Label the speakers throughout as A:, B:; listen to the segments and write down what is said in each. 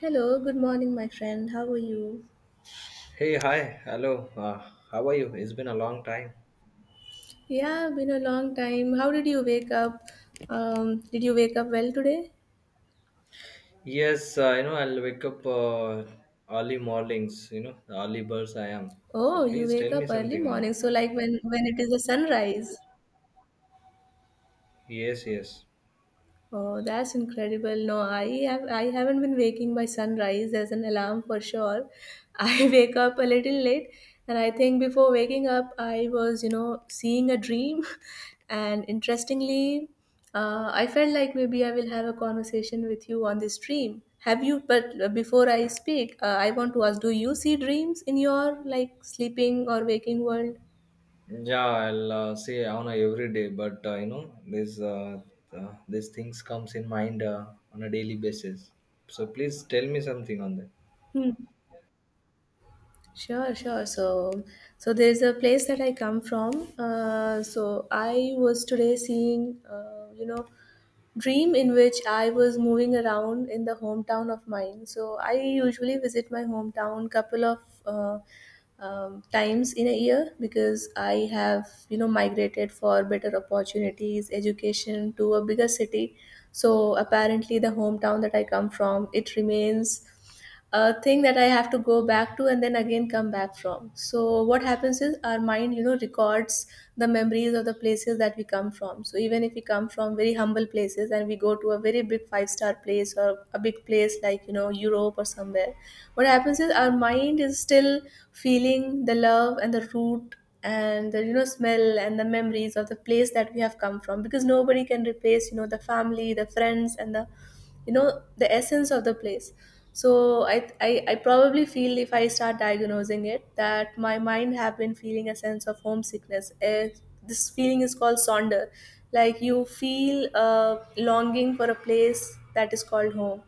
A: Hello, good morning, my friend. How are you?
B: Hey, hi, hello. How are you? It's been a long time.
A: Yeah, been a long time. How did you wake up? Did you wake up well today?
B: Yes, I'll wake up early mornings, the early birds I am. So
A: Oh, you
B: please
A: wake
B: tell
A: up
B: me
A: early
B: something on that.
A: morning. So like when it is the sunrise.
B: Yes, yes.
A: Oh, that's incredible. No, I haven't been waking by sunrise as an alarm for sure. I wake up a little late, and I think before waking up I was seeing a dream. And interestingly, I felt like maybe I will have a conversation with you on this dream. Have you but before I speak, I want to ask, do you see dreams in your like sleeping or waking world?
B: Yeah, I'll say on a every day, but this these things comes in mind on a daily basis. So please tell me something on that.
A: Sure, sure. So there is a place that I come from. So I was today seeing dream in which I was moving around in the hometown of mine. So I usually visit my hometown couple of uh, times in a year, because I have migrated for better opportunities, education to a bigger city. So apparently, the hometown that I come from, it remains a thing that I have to go back to and then again come back from. So what happens is our mind records the memories of the places that we come from. So even if we come from very humble places and we go to a very big five-star place or a big place like Europe or somewhere, what happens is our mind is still feeling the love and the root and the smell and the memories of the place that we have come from, because nobody can replace the family, the friends, and the the essence of the place. So I probably feel, if I start diagnosing it, that my mind have been feeling a sense of homesickness. This feeling is called sonder, like you feel a longing for a place that is called home.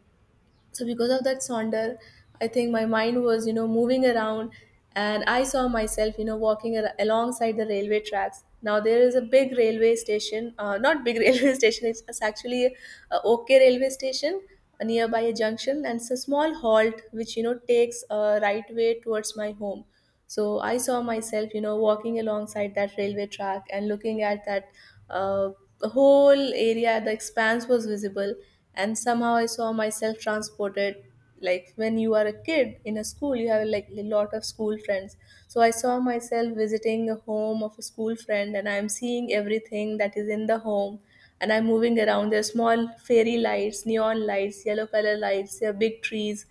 A: So because of that sonder, I think my mind was moving around, and I saw myself walking alongside the railway tracks. Now there is a big railway station, not big railway station, it's actually a OK railway station, nearby a junction, and it's a small halt which takes a right way towards my home. So I saw myself walking alongside that railway track and looking at that uh, the whole area. The expanse was visible, and somehow I saw myself transported. Like when you are a kid in a school, you have like a lot of school friends. So I saw myself visiting a home of a school friend, and I'm seeing everything that is in the home. And I'm moving around. There are small fairy lights, neon lights, yellow color lights, there are big trees,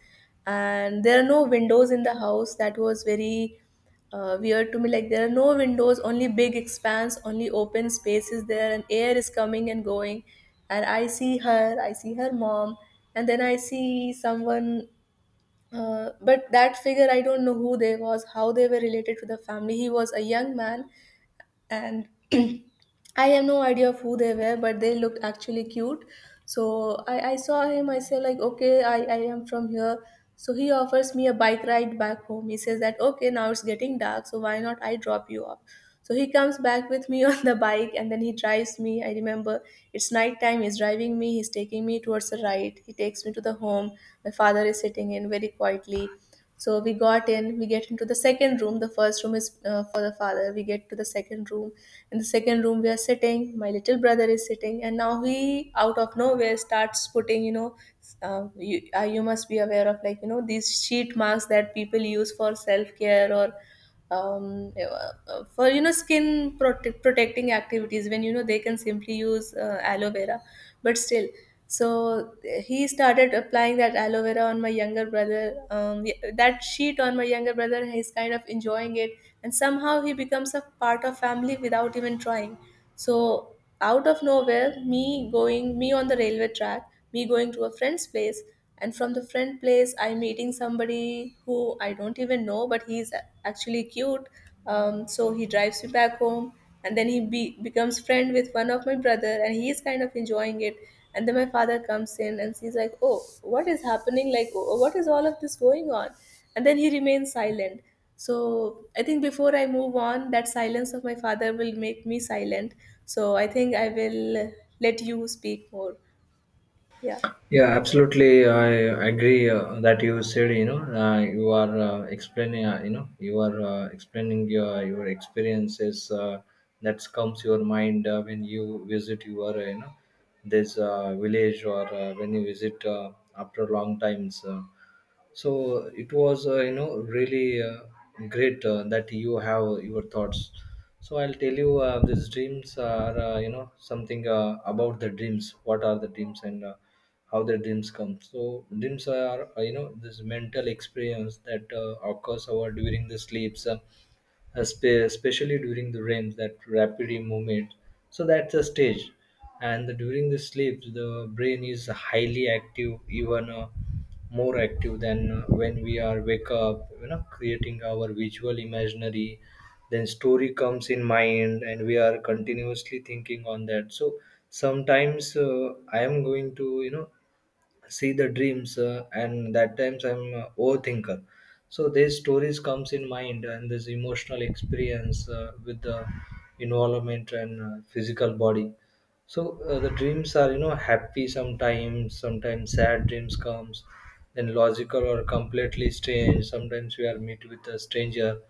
A: and there are no windows in the house. That was very weird to me. Like, there are no windows, only big expanse, only open space is there, and air is coming and going. And I see her mom. And then I see someone, but that figure, I don't know who they was, how they were related to the family. He was a young man. And I have no idea of who they were, but they looked actually cute. So I saw him. I said, like, okay, I am from here. So he offers me a bike ride back home. He says that, okay, now it's getting dark, so why not I drop you off? So he comes back with me on the bike, and then he drives me. I remember it's nighttime, he's driving me, he's taking me towards the right. He takes me to the home. My father is sitting in very quietly. So we got in, we get into the second room. The first room is for the father. We get to the second room. In the second room, we are sitting. My little brother is sitting, and now he, out of nowhere, starts putting, you must be aware of, like these sheet masks that people use for self care, or for skin protecting activities, when they can simply use aloe vera, but still. So he started applying that aloe vera on my younger brother. Yeah, that sheet on my younger brother, he's kind of enjoying it, and somehow he becomes a part of family without even trying. So, out of nowhere, me going, me on the railway track, me going to a friend's place, and from the friend place, I meeting somebody who I don't even know, but he's actually cute. So he drives me back home, and then he becomes friend with one of my brother, and he's kind of enjoying it. And then my father comes in, and he's like, "Oh, what is happening? Like, oh, what is all of this going on?" And then he remains silent. So I think before I move on, that silence of my father will make me silent. So I think I will let you speak more. Yeah.
B: Yeah, absolutely. I agree that you said. You are explaining. You are explaining your experiences. That comes your mind when you visit your this village, or when you visit after long times. So it was really great that you have your thoughts. So I'll tell you these dreams are something about the dreams, what are the dreams, and how the dreams come. So dreams are this mental experience that occurs over during the sleeps, especially during the REM, that rapid movement. So that's the stage, and the, during the sleep, the brain is highly active, even more active than when we are wake up. Creating our visual imaginary, then story comes in mind, and we are continuously thinking on that. So sometimes I am going to see the dreams, and that times I'm a overthinker. So these stories comes in mind and this emotional experience with the involvement and physical body. So the dreams are happy sometimes, sometimes sad dreams comes, then logical or completely strange, sometimes we are meet with a stranger.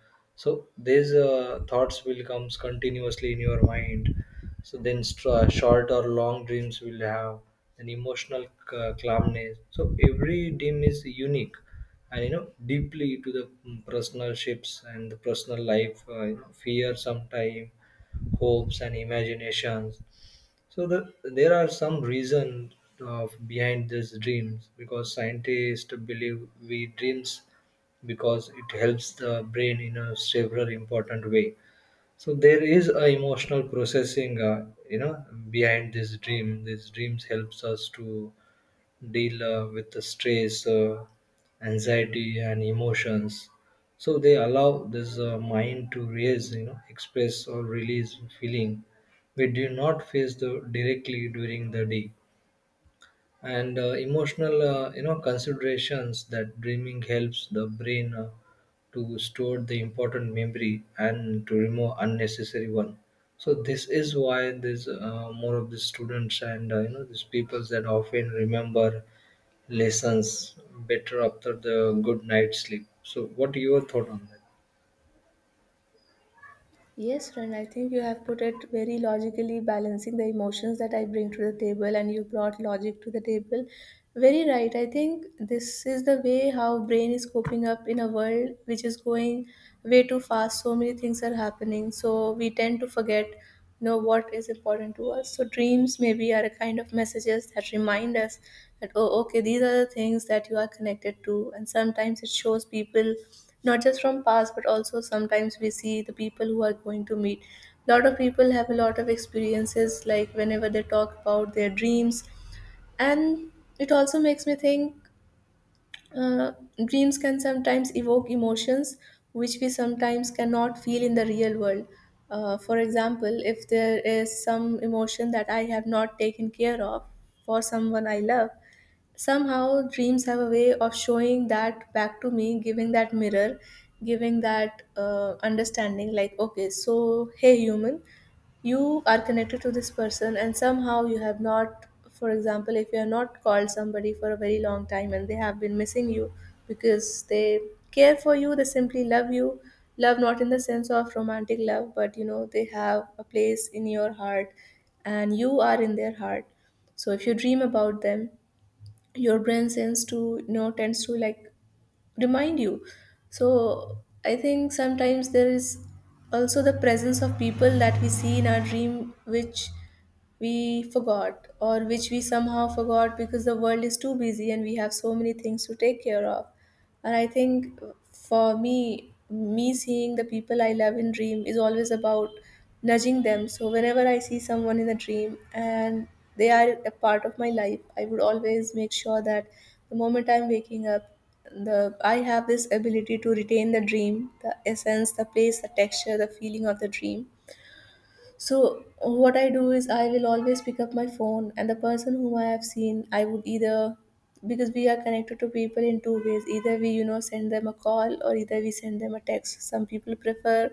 B: So these thoughts will comes continuously in your mind. So then short or long dreams will have an emotional calmness. So every dream is unique, and deeply to the personal shapes and the personal life, fear sometime, hopes and imaginations. So the, there are some reasons of behind these dreams, because scientists believe we dreams because it helps the brain in a several important way. So there is a emotional processing, behind this dream. These dreams helps us to deal with the stress, anxiety and emotions. So they allow this mind to raise, express or release feeling we do not face the directly during the day. And emotional, considerations, that dreaming helps the brain to store the important memory and to remove unnecessary one. So this is why there's more of the students and, these people, that often remember lessons better after the good night sleep. So what your thought on that?
A: Yes, friend, I think you have put it very logically, balancing the emotions that I bring to the table, and you brought logic to the table. Very right. I think this is the way how brain is coping up in a world which is going way too fast. So many things are happening. So we tend to forget know what is important to us. So dreams maybe are a kind of messages that remind us that, oh, okay, these are the things that you are connected to. And sometimes it shows people, not just from past but also sometimes we see the people who are going to meet. A lot of people have a lot of experiences like whenever they talk about their dreams. And it also makes me think, uh, dreams can sometimes evoke emotions which we sometimes cannot feel in the real world. For example, if there is some emotion that I have not taken care of for someone I love, somehow dreams have a way of showing that back to me, giving that mirror, giving that understanding, like, okay, so hey, human, you are connected to this person and somehow you have not. For example, if you have not called somebody for a very long time and they have been missing you because they care for you, they simply love you. Love not in the sense of romantic love, but they have a place in your heart, and you are in their heart. So if you dream about them, your brain sends to tends to, like, remind you. So I think sometimes there is also the presence of people that we see in our dream, which we forgot or which we somehow forgot because the world is too busy and we have so many things to take care of. And I think, for me seeing the people I love in dream is always about nudging them. So whenever I see someone in a dream and they are a part of my life, I would always make sure that the moment I'm waking up, the I have this ability to retain the dream, the essence, the place, the texture, the feeling of the dream. So what I do is I will always pick up my phone, and the person whom I have seen, I would either, because we are connected to people in two ways. Either we send them a call, or either we send them a text. Some people prefer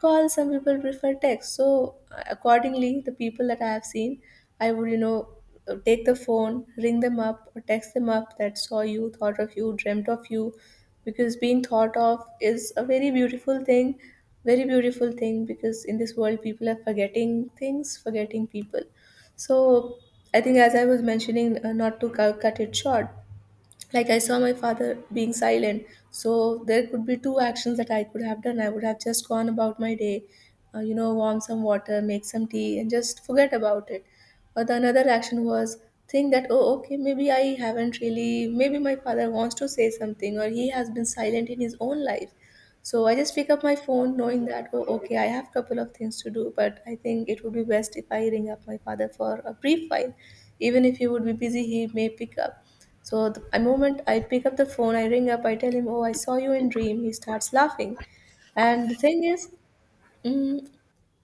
A: call, some people prefer text. So accordingly, the people that I have seen, I would, take the phone, ring them up or text them up that saw you, thought of you, dreamt of you because being thought of is a very beautiful thing, very beautiful thing, because in this world people are forgetting things, forgetting people. So I think, as I was mentioning, not to cut it short, like I saw my father being silent. So there could be two actions that I could have done. I would have just gone about my day, you know, warm some water, make some tea, and just forget about it. But the another action was think that, oh, okay maybe I haven't really Maybe my father wants to say something, or he has been silent in his own life. So I just pick up my phone knowing that, oh, okay, I have couple of things to do, but I think it would be best if I ring up my father for a brief while. Even if he would be busy, he may pick up. So the a moment I pick up the phone, I ring up, I tell him, "Oh, I saw you in dream." He starts laughing, and the thing is, mm,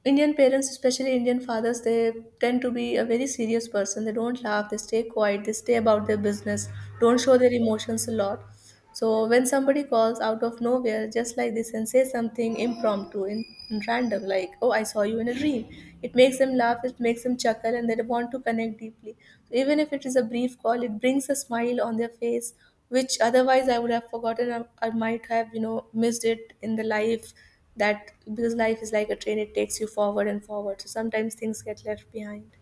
A: Indian parents, especially Indian fathers, they tend to be a very serious person. They don't laugh. They stay quiet. They stay about their business. Don't show their emotions a lot. So when somebody calls out of nowhere, just like this, and says something impromptu in random, like, "Oh, I saw you in a dream," it makes them laugh, it makes them chuckle, and they want to connect deeply. So even if it is a brief call, it brings a smile on their face, which otherwise I would have forgotten, or I might have, missed it in the life, that because life is like a train; it takes you forward and forward. So sometimes things get left behind.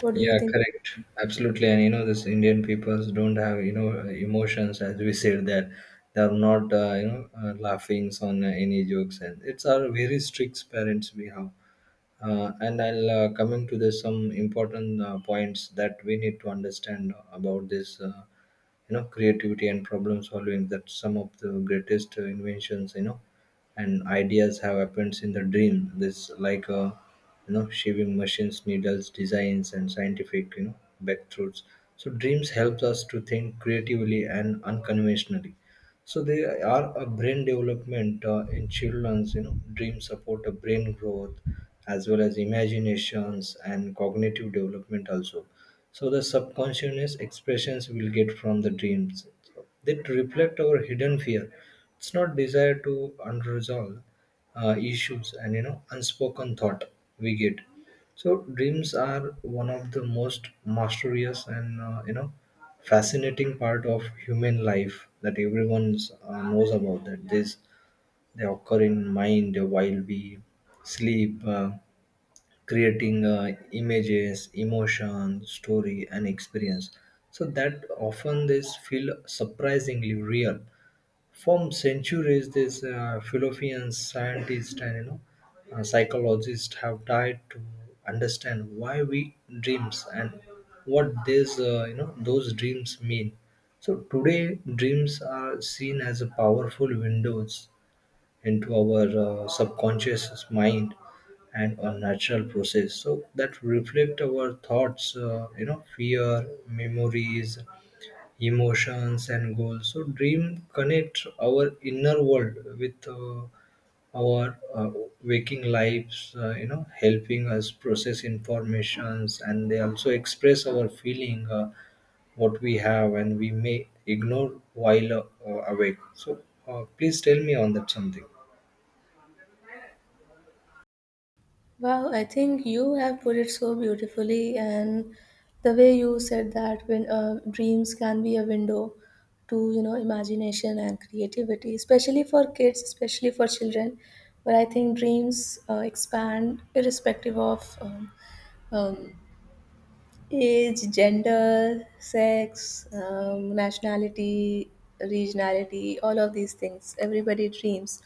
A: What do you
B: Yeah,
A: think?
B: correct. Absolutely. And this Indian peoples don't have, emotions, as we said, that they're not, laughing on any jokes. And it's our very strict parents we have. And I'll coming to this some important points that we need to understand about this. Creativity and problem solving, that some of the greatest inventions, and ideas have happened in the dream, this like shaving machines, needles designs, and scientific, breakthroughs. So dreams help us to think creatively and unconventionally. So they are a brain development in children's. Dreams support a brain growth as well as imaginations and cognitive development also. So the subconscious expressions we'll get from the dreams that reflect our hidden fear. It's not desire to unresolved issues and unspoken thought we get. So dreams are one of the most mysterious and, fascinating part of human life that everyone knows about. That this they occur in mind while we sleep. Creating images, emotion, story, and experience. So that often this feel surprisingly real. From centuries, these philosophians, scientists, and, psychologists have tried to understand why we dreams and what these, those dreams mean. So today, dreams are seen as a powerful windows into our subconscious mind and a natural process, so that reflect our thoughts, fear, memories, emotions and goals. So dream connect our inner world with our waking lives, helping us process informations, and they also express our feeling what we have and we may ignore while awake. So please tell me on that something.
A: Wow, I think you have put it so beautifully, and the way you said that when dreams can be a window to, you know, imagination and creativity, especially for kids, especially for children. But I think dreams expand irrespective of um, age, gender, sex, nationality, regionality, all of these things. Everybody dreams.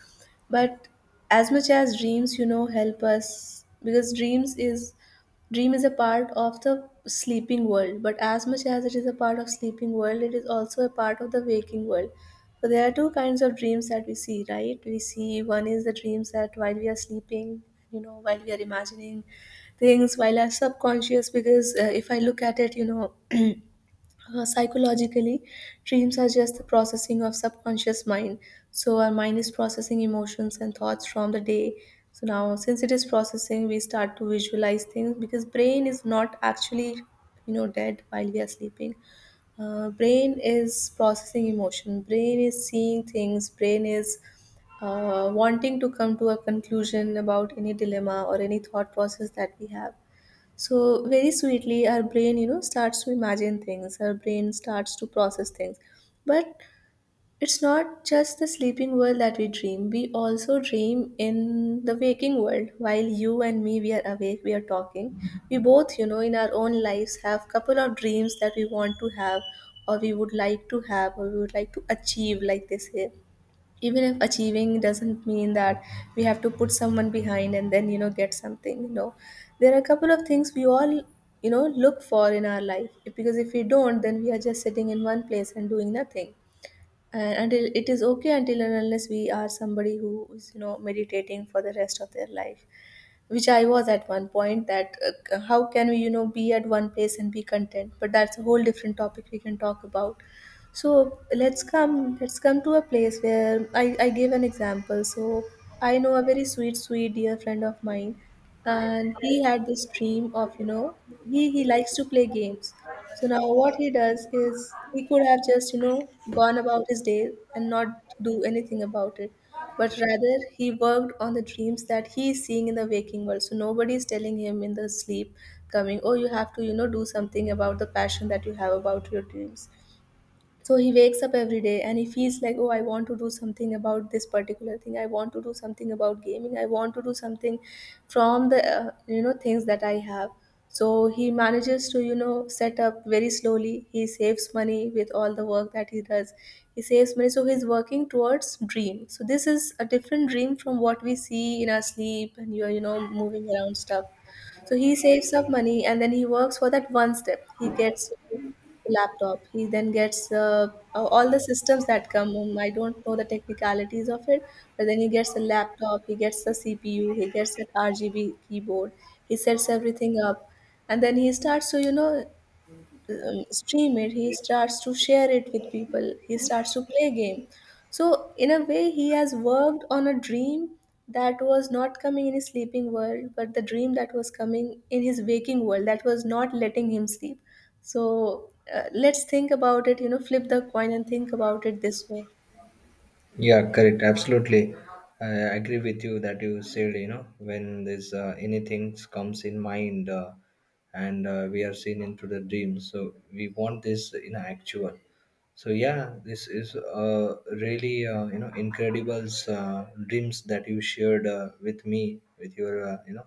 A: But as much as dreams, you know, help us, because dream is a part of the sleeping world, but as much as it is a part of sleeping world, it is also a part of the waking world. So there are two kinds of dreams that we see, right? We see, one is the dreams that while we are sleeping, you know, while we are imagining things, while our subconscious, because if I look at it, you know, psychologically, dreams are just the processing of subconscious mind. So our mind is processing emotions and thoughts from the day. So now since it is processing, we start to visualize things, because brain is not actually, you know, dead while we are sleeping. Brain is processing emotion, brain is seeing things, brain is wanting to come to a conclusion about any dilemma or any thought process that we have. So very sweetly, our brain, you know, starts to imagine things. Our brain starts to process things. But it's not just the sleeping world that we dream. We also dream in the waking world. While you and me, we are awake, we are talking. We both, you know, in our own lives have couple of dreams that we want to have, or we would like to have, or we would like to achieve. Like they say, even if achieving doesn't mean that we have to put someone behind and then, you know, get something, you know, there are a couple of things we all, you know, look for in our life, because if we don't, then we are just sitting in one place and doing nothing. And until it is okay, until and unless we are somebody who is, you know, meditating for the rest of their life, which I was at one point. That how can we, you know, be at one place and be content? But that's a whole different topic we can talk about. So let's come to a place where I gave an example. So I know a very sweet, sweet dear friend of mine, and he had this dream of, you know, he likes to play games. So now what he does is, he could have just, you know, gone about his day and not do anything about it. But rather he worked on the dreams that he is seeing in the waking world. So nobody is telling him in the sleep coming, oh, you have to, you know, do something about the passion that you have about your dreams. So he wakes up every day and he feels like, oh, I want to do something about this particular thing. I want to do something about gaming. I want to do something from the you know, things that I have. So he manages to, you know, set up very slowly. He saves money with all the work that he does. He saves money, so he's working towards dream. So this is a different dream from what we see in our sleep and you're, you know, moving around stuff. So he saves up money, and then he works for that one step. He gets the laptop. He then gets all the systems that come. I don't know the technicalities of it, but then he gets a laptop. He gets the CPU. He gets an RGB keyboard. He sets everything up, and then he starts to, you know, stream it. He starts to share it with people. He starts to play game. So in a way, he has worked on a dream that was not coming in his sleeping world, but the dream that was coming in his waking world, that was not letting him sleep. So let's think about it, you know, flip the coin and think about it this way.
B: Yeah, correct. Absolutely. I agree with you that you said, when this anything comes in mind and we are seen into the dream. So we want this in actual. So yeah, this is really incredible dreams that you shared with me, with your,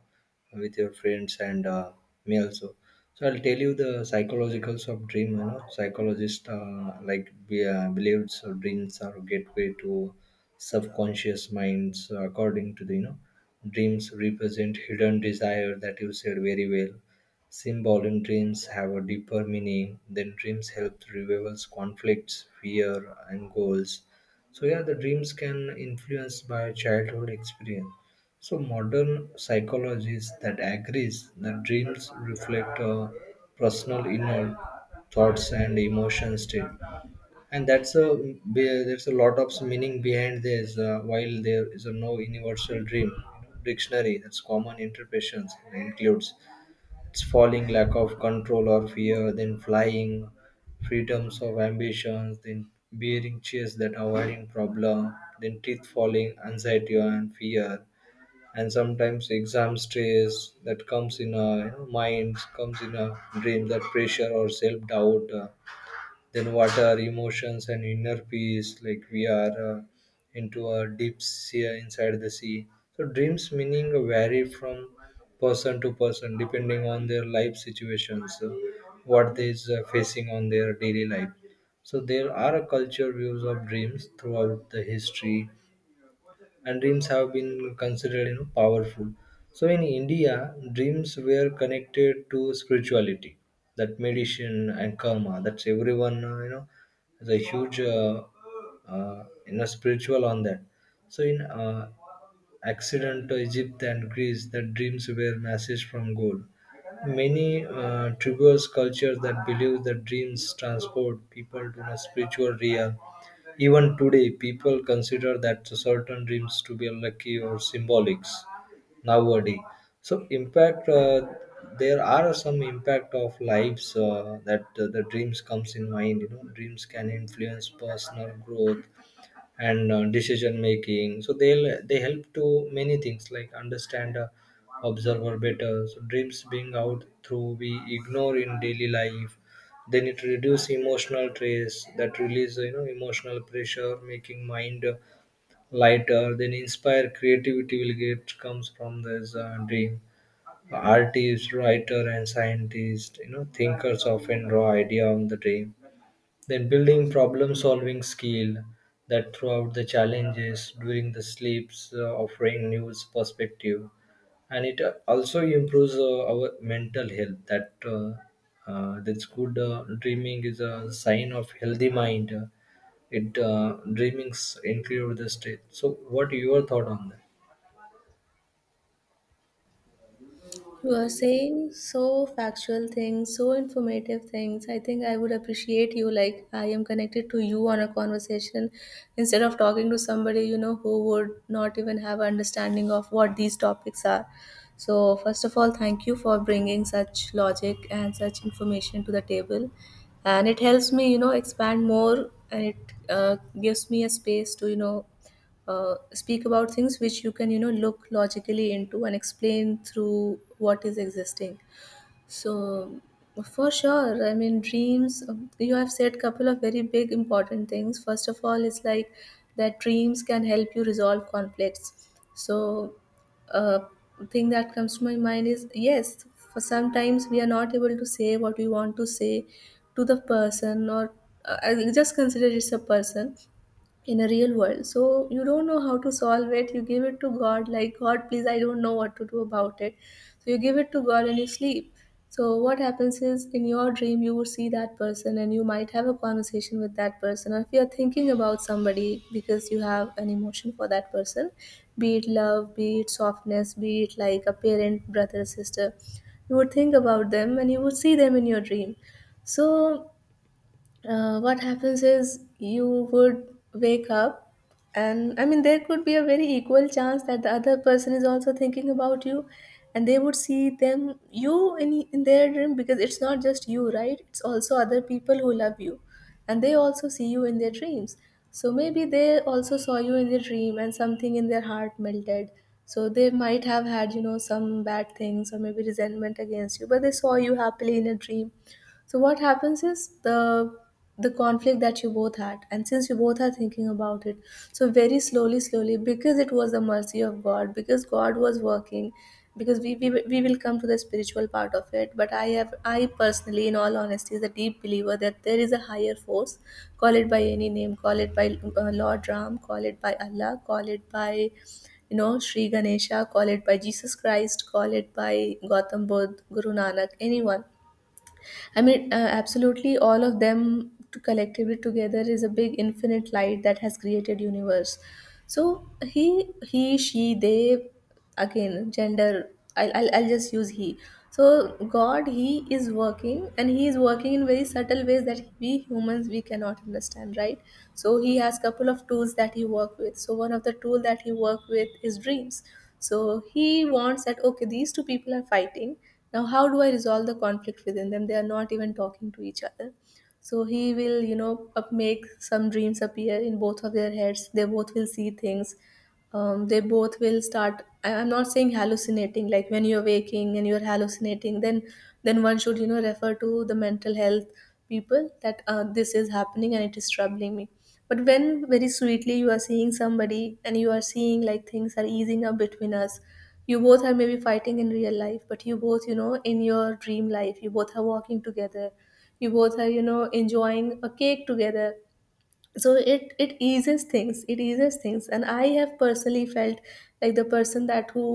B: with your friends and me also. So I'll tell you the psychologicals of dream. Psychologist like believes or dreams are gateway to subconscious minds, according to the, dreams represent hidden desire, that you said very well. Symbols in dreams have a deeper meaning. Then dreams help reveal conflicts, fear, and goals. So yeah, the dreams can influence by childhood experience. So modern psychologists that agrees that dreams reflect personal inner thoughts and emotion state, and that's a there's a lot of meaning behind this. While there is a no universal dream dictionary, that's common interpretations includes, it's falling, lack of control or fear, then flying, freedoms of ambitions, then bearing chase that avoiding problem, then teeth falling, anxiety and fear, and sometimes exam stress that comes in a, mind, comes in a dream, that pressure or self doubt. Then what are emotions and inner peace, like we are into a deep sea, inside the sea. So dreams meaning vary from person to person depending on their life situations, what they is facing on their daily life. So there are a culture views of dreams throughout the history, and dreams have been considered, powerful. So in India, dreams were connected to spirituality, that medicine and karma. That's everyone, is a huge spiritual on that. So in accident to Egypt and Greece, that dreams were message from God. Many tribal cultures that believe that dreams transport people to a spiritual realm. Even today, people consider that certain dreams to be unlucky or symbolics nowadays. So, impact there are some impact of lives that the dreams comes in mind. Dreams can influence personal growth, and decision making. So they help to many things, like understand observer better. So dreams being out through we ignore in daily life. Then it reduce emotional stress, that release, emotional pressure, making mind lighter. Then inspire creativity will get comes from this dream. Artists, writer, and scientist, thinkers, often draw idea on the dream. Then building problem-solving skill, that throughout the challenges during the sleeps, offering new perspective. And it also improves our mental health. That that's good. Dreaming is a sign of healthy mind. It dreamings include the state. So, what your thought on that?
A: You are saying so factual things, so informative things. I think I would appreciate you. Like, I am connected to you on a conversation instead of talking to somebody, you know, who would not even have understanding of what these topics are. So, first of all, thank you for bringing such logic and such information to the table. And it helps me, you know, expand more, and it gives me a space to, you know, speak about things which you can, you know, look logically into and explain through what is existing. So for sure, I mean, dreams, you have said couple of very big important things. First of all, it's like that dreams can help you resolve conflicts. So uh, thing that comes to my mind is, yes, for sometimes we are not able to say what we want to say to the person, or I just consider it's a person in a real world, so you don't know how to solve it. You give it to God, like, God, please, I don't know what to do about it. So you give it to God and you sleep. So what happens is, in your dream, you would see that person and you might have a conversation with that person. Or if you're thinking about somebody because you have an emotion for that person, be it love, be it softness, be it like a parent, brother, sister, you would think about them, and you would see them in your dream. So what happens is, you would wake up, and I mean, there could be a very equal chance that the other person is also thinking about you, and they would see them you in their dream, because it's not just you, right? It's also other people who love you, and they also see you in their dreams. So maybe they also saw you in their dream, and something in their heart melted. So they might have had, you know, some bad things or maybe resentment against you, but they saw you happily in a dream. So what happens is, the conflict that you both had, and since you both are thinking about it, so very slowly, slowly, because it was the mercy of God, because God was working, because we will come to the spiritual part of it. But I have, I personally, in all honesty, is a deep believer that there is a higher force. Call it by any name, call it by Lord Ram, call it by Allah, call it by Sri Ganesha, call it by Jesus Christ, call it by Gautam Buddha, Guru Nanak, anyone. I mean, absolutely all of them to collectively together is a big infinite light that has created universe. So he, she, they, again, gender, I'll just use he. So God, he is working and he is working in very subtle ways that we humans we cannot understand, right? So he has couple of tools that he work with. So one of the tool that he work with is dreams. So he wants that, okay, these two people are fighting, now how do I resolve the conflict within them? They are not even talking to each other. So he will, you know up make some dreams appear in both of their heads. They both will see things. They both will start I'm not saying hallucinating, like when you're waking and you're hallucinating, then one should, you know, refer to the mental health people that this is happening and it is troubling me. But when very sweetly you are seeing somebody and you are seeing like things are easing up between us, you both are maybe fighting in real life, but you both, you know, in your dream life you both are walking together, you both are, you know, enjoying a cake together. So it eases things. It eases things. And I have personally felt like the person that who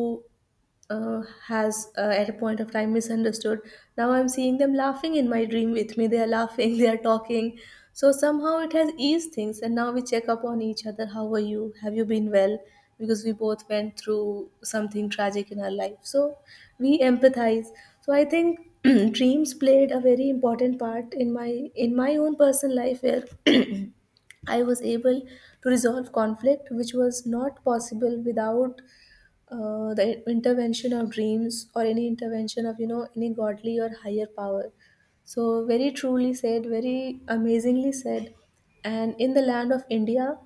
A: has, at a point of time, misunderstood, now I'm seeing them laughing in my dream with me. They are laughing they are talking. So somehow it has eased things, and now we check up on each other: how are you, have you been well? Because we both went through something tragic in our life, so we empathize. So I think dreams played a very important part in my own personal life, where I was able to resolve conflict, which was not possible without the intervention of dreams or any intervention of, you know, any godly or higher power. So, very truly said, very amazingly said. And in the land of India,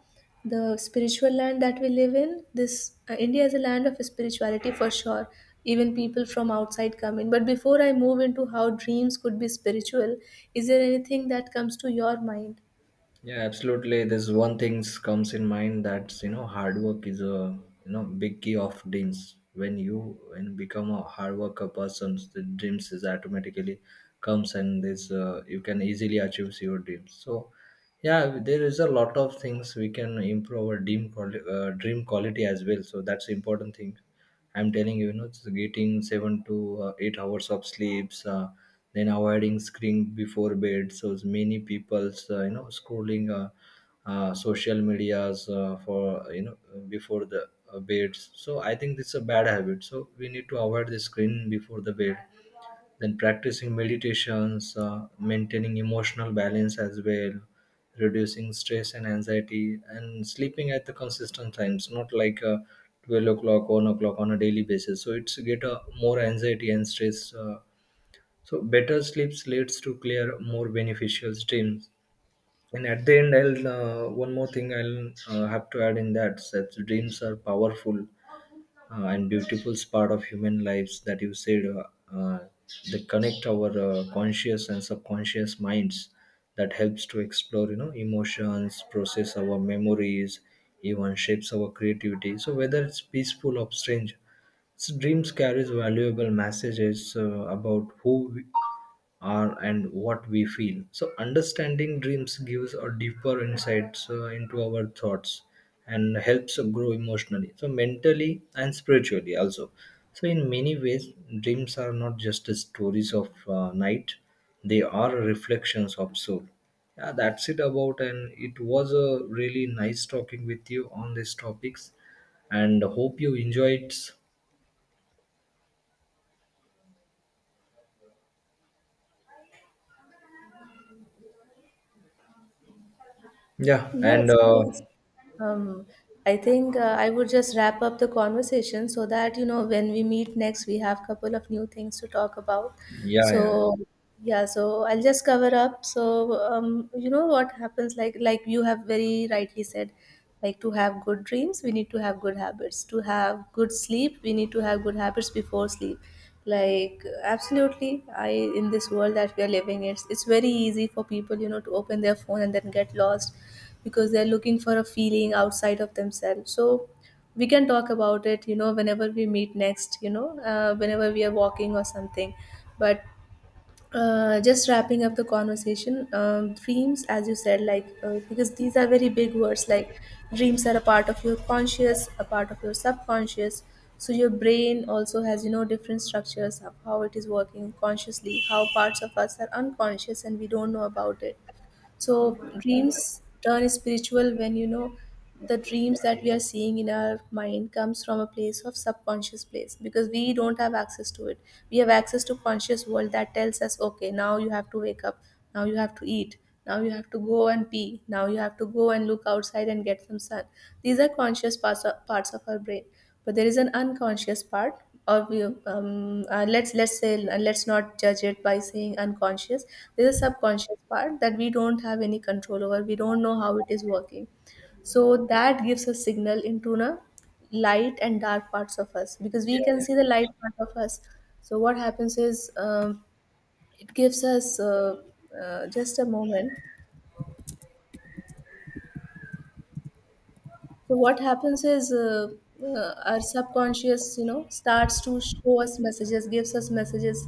A: the spiritual land that we live in, this India is a land of spirituality for sure. Even people from outside come in. But before I move into how dreams could be spiritual, is there anything that comes to your mind?
B: Yeah, absolutely. There's one thing comes in mind, that's hard work is a, big key of dreams. When you, when become a hard worker person, the dreams is automatically comes, and this you can easily achieve your dreams. So yeah, there is a lot of things we can improve our dream quality as well. So that's important thing. I'm telling you, it's getting 7 to 8 hours of sleeps, then avoiding screen before bed. So it's many people's, scrolling social medias for before the beds. So I think this is a bad habit. So we need to avoid the screen before the bed, then practicing meditations, maintaining emotional balance as well, reducing stress and anxiety, and sleeping at the consistent times, not like 12 o'clock, 1 o'clock on a daily basis. So it's get a more anxiety and stress. So better sleeps leads to clear, more beneficial dreams. And at the end, I'll one more thing I'll have to add in that, that dreams are powerful and beautiful part of human lives, that you said. Uh, uh, they connect our conscious and subconscious minds, that helps to explore, emotions, process our memories, even shapes our creativity. So whether it's peaceful or strange, so dreams carries valuable messages about who we are and what we feel. So understanding dreams gives a deeper insights into our thoughts and helps grow emotionally. So mentally and spiritually also. So in many ways, dreams are not just the stories of night; they are reflections of soul. Yeah, that's it about, and it was a really nice talking with you on these topics, and hope you enjoyed. Yeah, and
A: Yes, yes. Um, I think I would just wrap up the conversation so that, you know, when we meet next, we have a couple of new things to talk about.
B: yeah, yeah,
A: So, yeah, so I'll just cover up. So, you know what happens, like you have very rightly said, like to have good dreams, we need to have good habits. To have good sleep, we need to have good habits before sleep. Like absolutely, I, in this world that we are living, it's very easy for people, you know, to open their phone and then get lost because they're looking for a feeling outside of themselves. So we can talk about it, you know, whenever we meet next, you know, whenever we are walking or something. But just wrapping up the conversation, dreams, as you said, like, because these are very big words, like, dreams are a part of your conscious, a part of your subconscious. So your brain also has, you know, different structures of how it is working consciously, how parts of us are unconscious and we don't know about it. So dreams turn spiritual when, you know, the dreams that we are seeing in our mind comes from a place of subconscious place, because we don't have access to it. We have access to conscious world that tells us, okay, now you have to wake up, now you have to eat, now you have to go and pee, now you have to go and look outside and get some sun. These are conscious parts of our brain. But there is an unconscious part, or we, let's say, let's not judge it by saying unconscious. There's a subconscious part that we don't have any control over. We don't know how it is working. So that gives a signal into the light and dark parts of us, because we
B: yeah,
A: can
B: yeah,
A: see the light part of us. So what happens is, it gives us just a moment. So what happens is, our subconscious, you know, starts to show us messages, gives us messages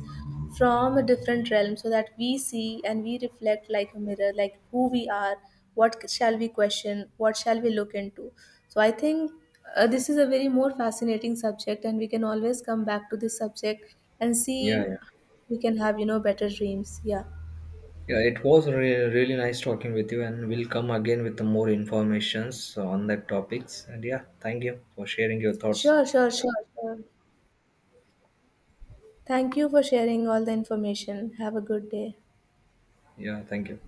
A: from a different realm, so that we see and we reflect like a mirror, like who we are, what shall we question, what shall we look into. So I think this is a very more fascinating subject, and we can always come back to this subject and
B: yeah,
A: see
B: yeah.
A: we can have, you know, better dreams. Yeah,
B: Yeah, it was really nice talking with you, and we'll come again with the more informations on that topics. And yeah, thank you for sharing your thoughts.
A: sure, sure, sure. Sure. Thank you for sharing all the information. Have a good day.
B: Yeah, thank you.